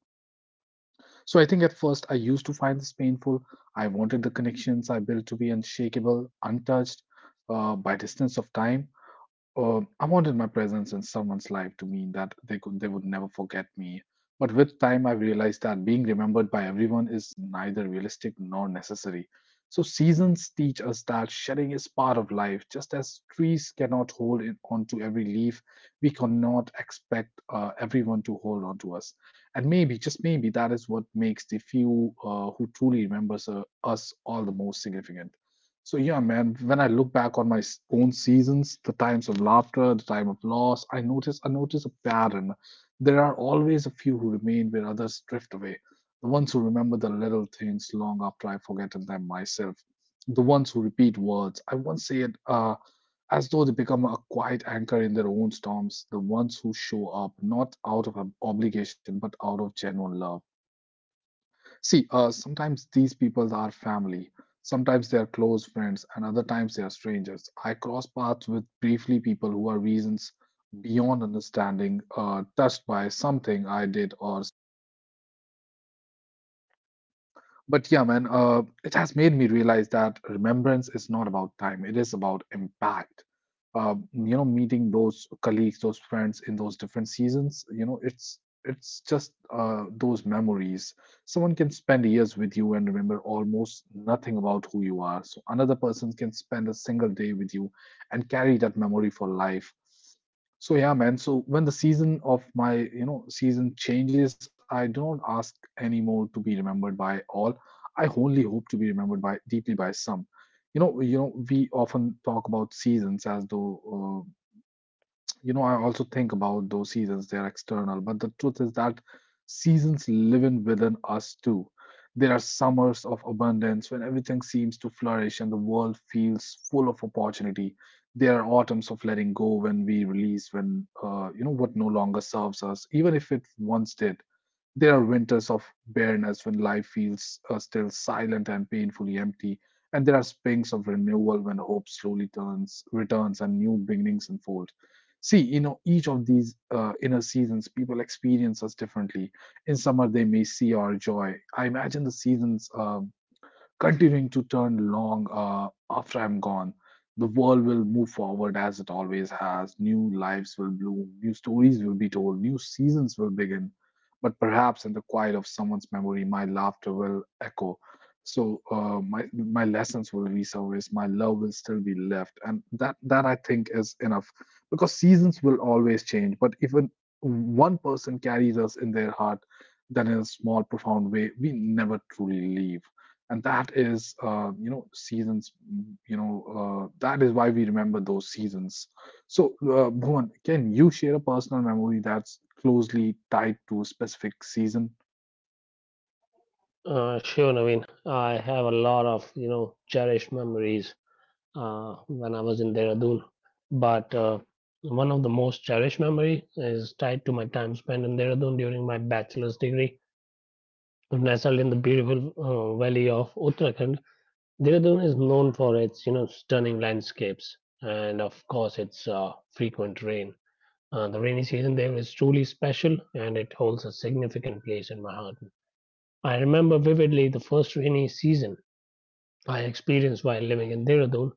Speaker 1: So I think at first I used to find this painful. I wanted the connections I built to be unshakable, untouched by distance of time. I wanted my presence in someone's life to mean that they would never forget me. But with time, I realized that being remembered by everyone is neither realistic nor necessary. So seasons teach us that shedding is part of life. Just as trees cannot hold it onto every leaf, we cannot expect, everyone to hold on to us. And maybe, just maybe, that is what makes the few, who truly remembers, us all the most significant. So yeah, man, when I look back on my own seasons, the times of laughter, the time of loss, I notice a pattern. There are always a few who remain where others drift away. The ones who remember the little things long after I've forgotten them myself. The ones who repeat words I once said, as though they become a quiet anchor in their own storms. The ones who show up not out of obligation but out of genuine love. See, sometimes these people are family, sometimes they are close friends, and other times they are strangers. I cross paths with briefly people who are reasons beyond understanding, touched by something I did or. But yeah, man, it has made me realize that remembrance is not about time, it is about impact. You know, meeting those colleagues, those friends in those different seasons, you know, it's just, those memories. Someone can spend years with you and remember almost nothing about who you are. So another person can spend a single day with you and carry that memory for life. So yeah, man. So when the season of my season changes, I don't ask anymore to be remembered by all. I only hope to be remembered by deeply by some. You know, we often talk about seasons as though, I also think about those seasons, they're external. But the truth is that seasons live in within us too. There are summers of abundance when everything seems to flourish and the world feels full of opportunity. There are autumns of letting go when we release what no longer serves us, even if it once did. There are winters of bareness when life feels still silent and painfully empty, and there are springs of renewal when hope slowly turns, returns, and new beginnings unfold. See, each of these inner seasons, people experience us differently. In summer, they may see our joy. I imagine the seasons. Continuing to turn long after I'm gone. The world will move forward as it always has. New lives will bloom, new stories will be told, new seasons will begin. But perhaps in the quiet of someone's memory, my laughter will echo. So my lessons will resurface. My love will still be left, and that, I think, is enough, because seasons will always change. But if one person carries us in their heart, then in a small, profound way, we never truly leave, and that is you know seasons mm, you know that is why we remember those seasons. So Bhuvan, can you share a personal memory that's closely tied to a specific season?
Speaker 2: Sure, Naveen, I have a lot of cherished memories when I was in Dehradun. But One of the most cherished memory is tied to my time spent in Dehradun during my bachelor's degree. Nestled in the beautiful valley of Uttarakhand, Dehradun is known for its stunning landscapes and of course its frequent rain. The rainy season there is truly special, and it holds a significant place in my heart. I remember vividly the first rainy season I experienced while living in Dehradun.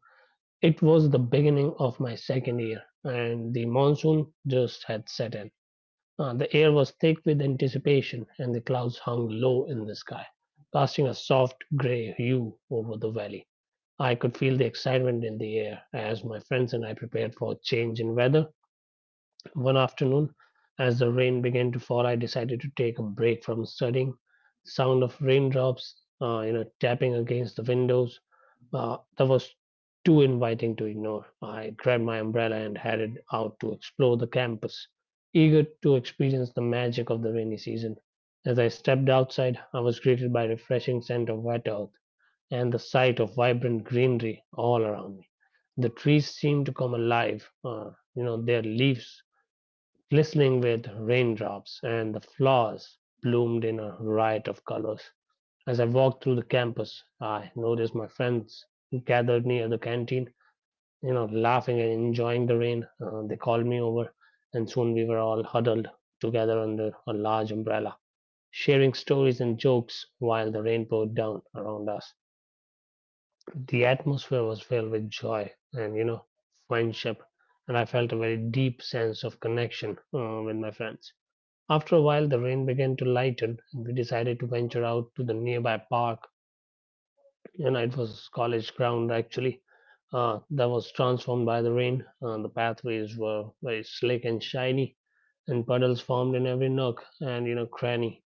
Speaker 2: It was the beginning of my second year, and the monsoon just had set in. The air was thick with anticipation, and the clouds hung low in the sky, casting a soft gray hue over the valley. I could feel the excitement in the air as my friends and I prepared for a change in weather. One afternoon, as the rain began to fall, I decided to take a break from studying. The sound of raindrops, you know, tapping against the windows, that was too inviting to ignore. I grabbed my umbrella and headed out to explore the campus, eager to experience the magic of the rainy season. As I stepped outside, I was greeted by a refreshing scent of wet earth and the sight of vibrant greenery all around me. The trees seemed to come alive, you know, their leaves glistening with raindrops, and the flowers bloomed in a riot of colors. As I walked through the campus, I noticed my friends gathered near the canteen, you know, laughing and enjoying the rain. They called me over, and soon we were all huddled together under a large umbrella, sharing stories and jokes while the rain poured down around us. The atmosphere was filled with joy and, you know, friendship, and I felt a very deep sense of connection with my friends. After a while, the rain began to lighten, and we decided to venture out to the nearby park. You know, it was college ground actually that was transformed by the rain. The pathways were very slick and shiny, and puddles formed in every nook and cranny.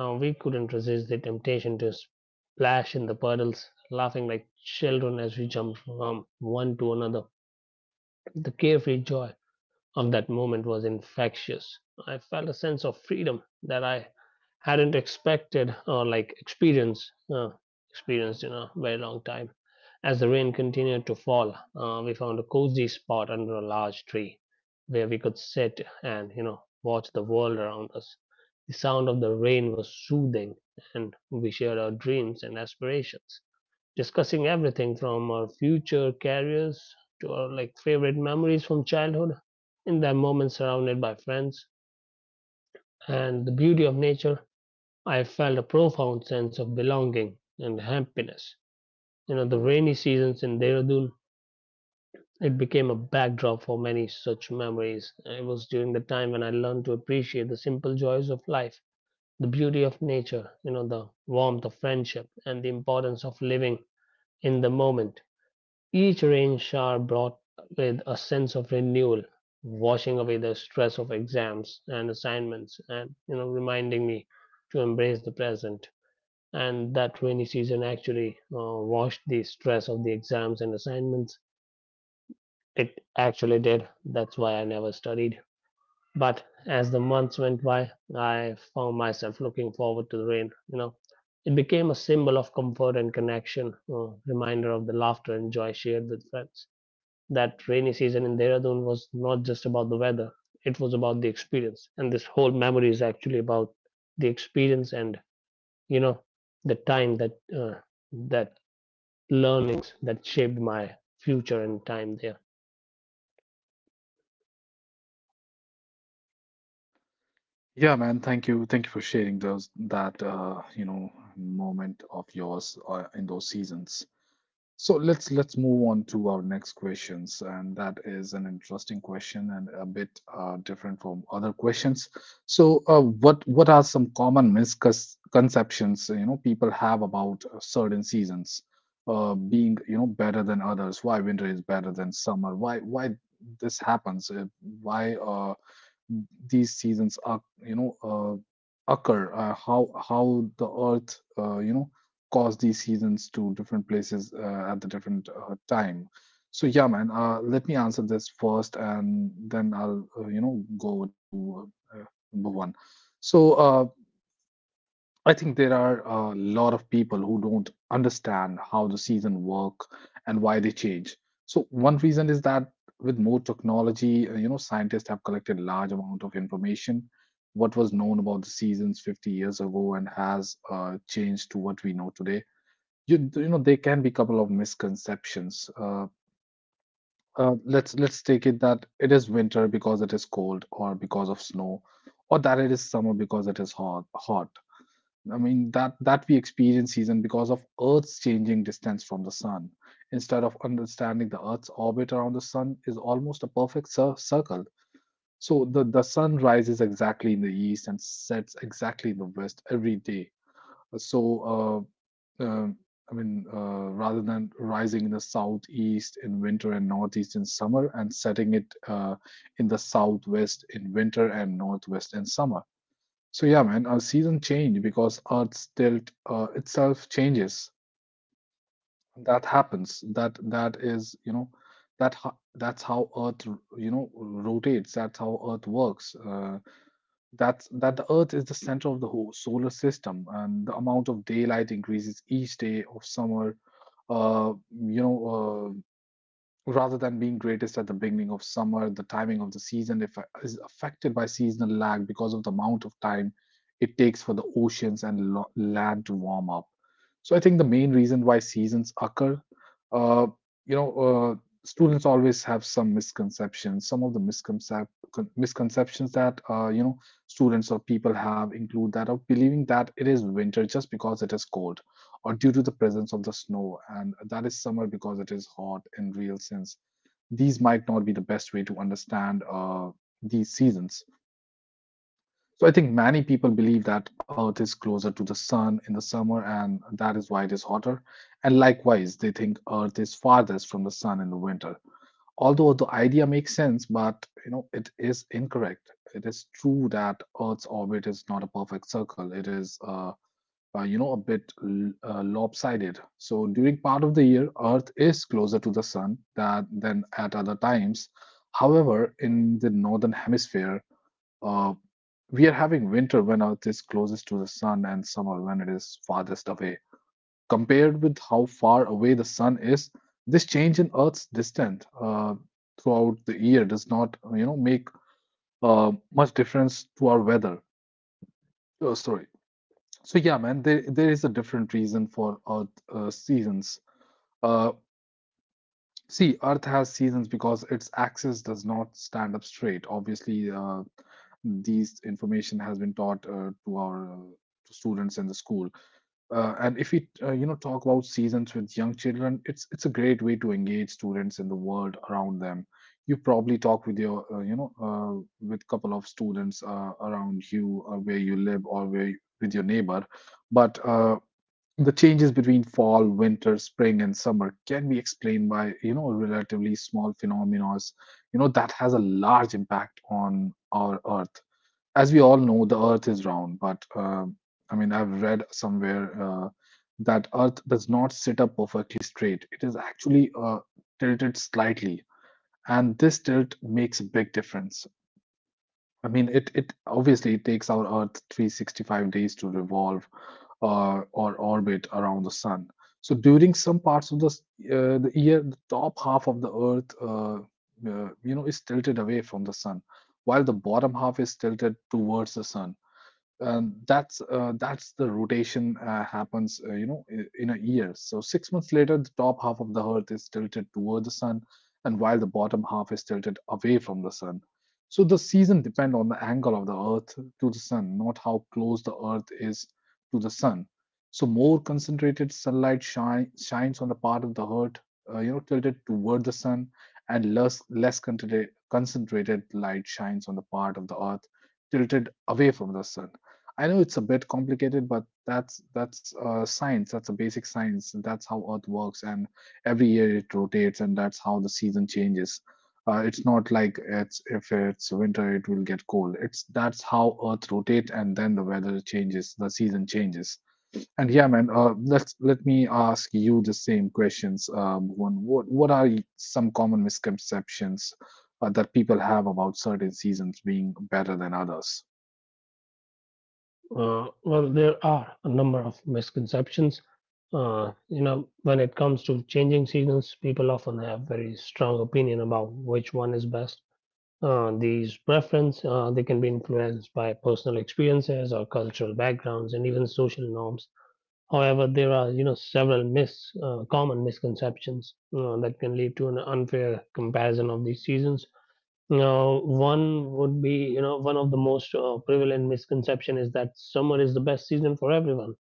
Speaker 2: We couldn't resist the temptation to splash in the puddles, laughing like children as we jumped from one to another. The carefree joy of that moment was infectious. I felt a sense of freedom that I hadn't expected or like experienced experienced in a very long time. As the rain continued to fall, we found a cozy spot under a large tree where we could sit and watch the world around us. The sound of the rain was soothing, and we shared our dreams and aspirations, discussing everything from our future careers to our like favorite memories from childhood. In that moment, surrounded by friends and the beauty of nature, I felt a profound sense of belonging and happiness. You know, the rainy seasons in Dehradun, it became a backdrop for many such memories. It was during the time when I learned to appreciate the simple joys of life, the beauty of nature, you know, the warmth of friendship, and the importance of living in the moment. Each rain shower brought with a sense of renewal, washing away the stress of exams and assignments, and you know, reminding me to embrace the present. And that rainy season actually washed the stress of the exams and assignments. It actually did. That's why I never studied. But as the months went by, I found myself looking forward to the rain. You know, it became a symbol of comfort and connection, a reminder of the laughter and joy shared with friends. That rainy season in Dehradun was not just about the weather, it was about the experience. And this whole memory is actually about the experience and, you know, the time that, that learnings that shaped my future and time there.
Speaker 1: Yeah, man, thank you, thank you for sharing those that you know moment of yours in those seasons. So let's move on to our next questions, and that is an interesting question and a bit different from other questions. So, what are some common misconceptions, you know, people have about certain seasons being, you know, better than others? Why winter is better than summer? Why this happens? Why these seasons are, you know, occur, how the earth, cause these seasons to different places at the different time. So yeah, man, let me answer this first, and then I'll, go over to you. Number one, so I think there are a lot of people who don't understand how the season work and why they change. So one reason is that with more technology, you know, scientists have collected large amount of information. What was known about the seasons 50 years ago and has changed to what we know today. You know, there can be a couple of misconceptions. Let's take it that it is winter because it is cold or because of snow, or that it is summer because it is hot. Hot, I mean, that we experience season because of Earth's changing distance from the sun. Instead of understanding the Earth's orbit around the sun is almost a perfect circle. So the sun rises exactly in the east and sets exactly in the west every day. Uh, So uh, um, I mean, rather than rising in the southeast in winter and northeast in summer, and setting it in the southwest in winter and northwest in summer. So yeah, man, our season change because Earth's tilt itself changes. That happens. That is, you know, that's how Earth, you know, rotates. That's how Earth works. That's that the Earth is the center of the whole solar system, and the amount of daylight increases each day of summer. Uh, you know, uh, Rather than being greatest at the beginning of summer, the timing of the season is affected by seasonal lag because of the amount of time it takes for the oceans and land to warm up. So I think the main reason why seasons occur, uh, you know, uh, students always have some misconceptions. Some of the misconceptions that, students or people have include that of believing that it is winter just because it is cold or due to the presence of the snow, and that is summer because it is hot in real sense. These might not be the best way to understand these seasons. So I think many people believe that Earth is closer to the sun in the summer, and that is why it is hotter. And likewise, they think Earth is farthest from the sun in the winter. Although the idea makes sense, but you know it is incorrect. It is true that Earth's orbit is not a perfect circle. It is you know, a bit lopsided. So during part of the year, Earth is closer to the sun than at other times. However, in the northern hemisphere, uh, we are having winter when Earth is closest to the sun and summer when it is farthest away. Compared with how far away the sun is, this change in Earth's distance throughout the year does not, you know, make much difference to our weather. Oh, sorry, so yeah, man, there is a different reason for Earth seasons. Uh, See, Earth has seasons because its axis does not stand up straight. Obviously, these information has been taught to students in the school. And if we, you know, talk about seasons with young children, it's a great way to engage students in the world around them. You probably talk with your with couple of students around you where you live or with your neighbor. But the changes between fall, winter, spring, and summer can be explained by, you know, relatively small phenomena, you know, that has a large impact on our Earth. As we all know, the Earth is round, but I mean, I've read somewhere that Earth does not sit up perfectly straight. It is actually tilted slightly, and this tilt makes a big difference. I mean, it obviously it takes our Earth 365 days to revolve or orbit around the sun. So during some parts of the year, the top half of the Earth, you know, is tilted away from the sun, while the bottom half is tilted towards the sun. uh, that's the rotation happens, in a year. So six months later, the top half of the earth is tilted toward the sun, and while the bottom half is tilted away from the sun. So the season depend on the angle of the earth to the sun, not how close the earth is to the sun. So more concentrated sunlight shines on the part of the earth tilted toward the sun, and less concentrated light shines on the part of the earth tilted away from the sun. I know it's a bit complicated, but that's science. That's a basic science. That's how Earth works, and every year it rotates, and that's how the season changes. It's not like it's if it's winter, it will get cold. It's that's how Earth rotates, and then the weather changes, the season changes. And yeah, man, let me ask you the same questions. One, what some common misconceptions that people have about certain seasons being better than others?
Speaker 2: Well, there are a number of misconceptions. You know, when it comes to changing seasons, people often have very strong opinion about which one is best. These preferences they can be influenced by personal experiences or cultural backgrounds and even social norms. However, there are you know several mis common misconceptions that can lead to an unfair comparison of these seasons. Now, one would be one of the most prevalent misconception is that summer is the best season for everyone.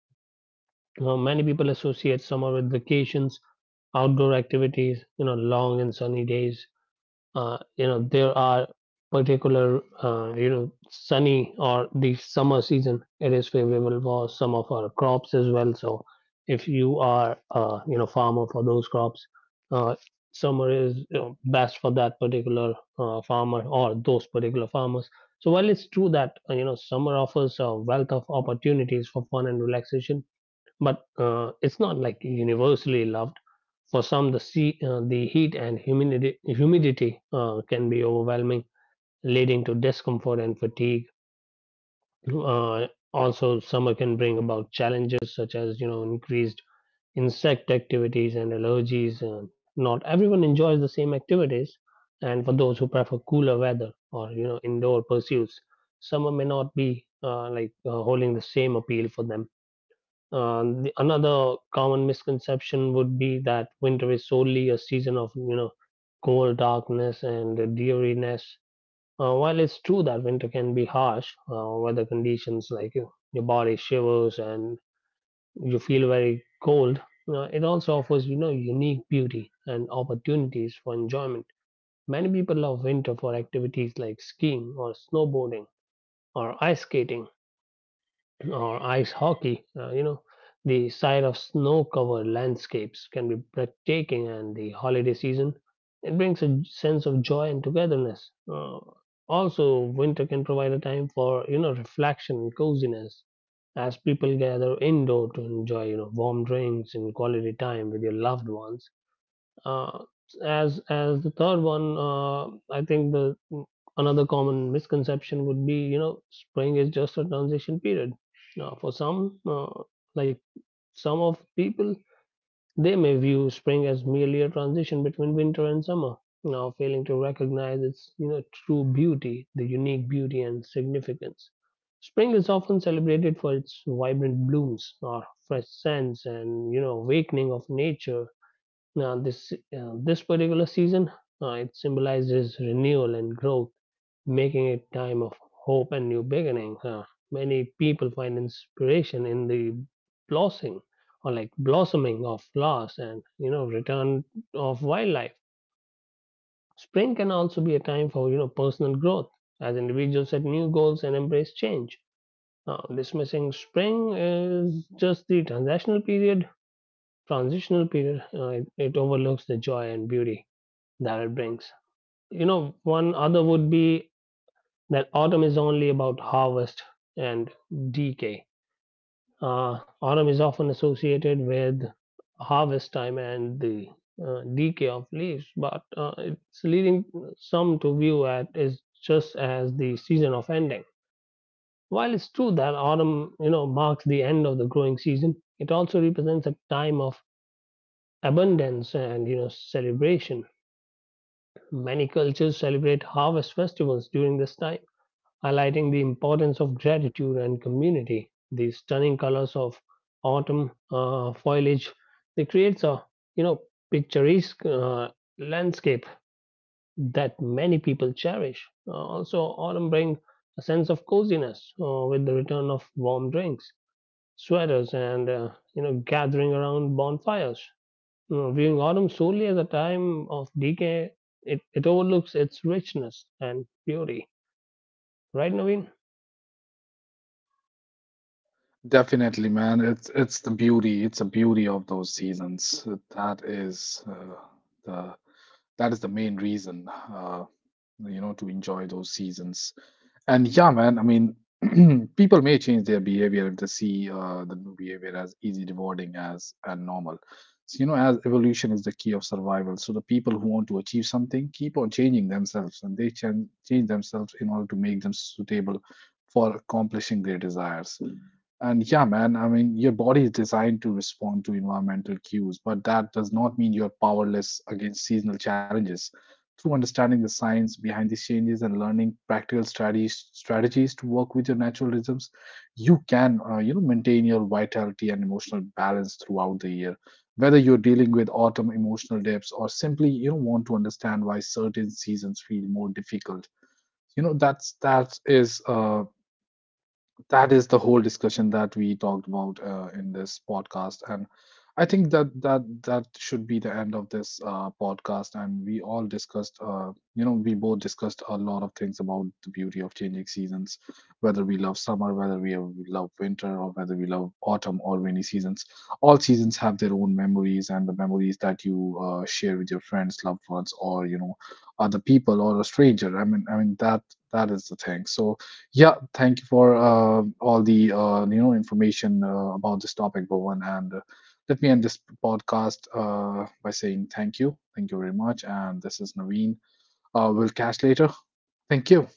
Speaker 2: Now, many people associate summer with vacations, outdoor activities, you know, long and sunny days. You know, there are particular you know, sunny or the summer season, it is favorable for some of our crops as well. So if you are you know, farmer for those crops, uh, summer is, you know, best for that particular farmer or those particular farmers. So while it's true that you know, summer offers a wealth of opportunities for fun and relaxation, but it's not like universally loved. For some, the heat and humidity, humidity can be overwhelming, leading to discomfort and fatigue. Uh, Also, summer can bring about challenges such as you know increased insect activities and allergies. And not everyone enjoys the same activities, and for those who prefer cooler weather or you know indoor pursuits, summer may not be holding the same appeal for them. Another common misconception would be that winter is solely a season of you know cold darkness and dreariness. While it's true that winter can be harsh, weather conditions like you know, your body shivers and you feel very cold, it also offers you know unique beauty and opportunities for enjoyment. Many people love winter for activities like skiing or snowboarding or ice skating or ice hockey, you know, the sight of snow covered landscapes can be breathtaking, and the holiday season it brings a sense of joy and togetherness. Also, winter can provide a time for you know reflection and coziness as people gather indoor to enjoy you know warm drinks and quality time with your loved ones. Uh, as as the third one, I think the another common misconception would be, you know, spring is just a transition period. Now, for some, like some of people, they may view spring as merely a transition between winter and summer. Now, failing to recognize its, you know, true beauty, the unique beauty and significance. Spring is often celebrated for its vibrant blooms, or fresh scents, and you know, awakening of nature. Now, this this particular season, it symbolizes renewal and growth, making it time of hope and new beginning. Many people find inspiration in the blossoming or like blossoming of flowers and you know return of wildlife. Spring can also be a time for you know personal growth as individuals set new goals and embrace change. Now, dismissing spring is just the transitional period. Transitional period, it, it overlooks the joy and beauty that it brings. You know, one other would be that autumn is only about harvest and decay. Autumn is often associated with harvest time and the decay of leaves, but it's leading some to view it as just as the season of ending. While it's true that autumn, you know, marks the end of the growing season, it also represents a time of abundance and you know celebration. Many cultures celebrate harvest festivals during this time, highlighting the importance of gratitude and community. The stunning colors of autumn foliage, it creates a you know picturesque landscape that many people cherish. Also, autumn brings a sense of coziness with the return of warm drinks, sweaters, and you know gathering around bonfires. You know, viewing autumn solely as a time of decay, it overlooks its richness and beauty. Right, Naveen?
Speaker 1: Definitely, man. It's the beauty. It's the beauty of those seasons. That is the that is the main reason, to enjoy those seasons. And yeah, man. I mean, people may change their behavior if they see the new behavior as easy, rewarding as and normal. So you know, as evolution is the key of survival. So the people who want to achieve something keep on changing themselves, and they change themselves in order to make them suitable for accomplishing their desires. And yeah, man, I mean, your body is designed to respond to environmental cues, but that does not mean you're powerless against seasonal challenges. Through understanding the science behind these changes and learning practical strategies to work with your natural rhythms, you can, you know, maintain your vitality and emotional balance throughout the year. Whether you're dealing with autumn emotional dips or simply, you know, want to understand why certain seasons feel more difficult, you know, that is the whole discussion that we talked about in this podcast. And I think that should be the end of this podcast, and we all discussed, we both discussed a lot of things about the beauty of changing seasons, whether we love summer, whether we love winter, or whether we love autumn or rainy seasons. All seasons have their own memories, and the memories that you share with your friends, loved ones, or you know, other people or a stranger, I mean that that is the thing. So yeah, thank you for all the information about this topic, Bhuvan. And let me end this podcast by saying thank you very much. And this is Naveen. We'll catch later. Thank you.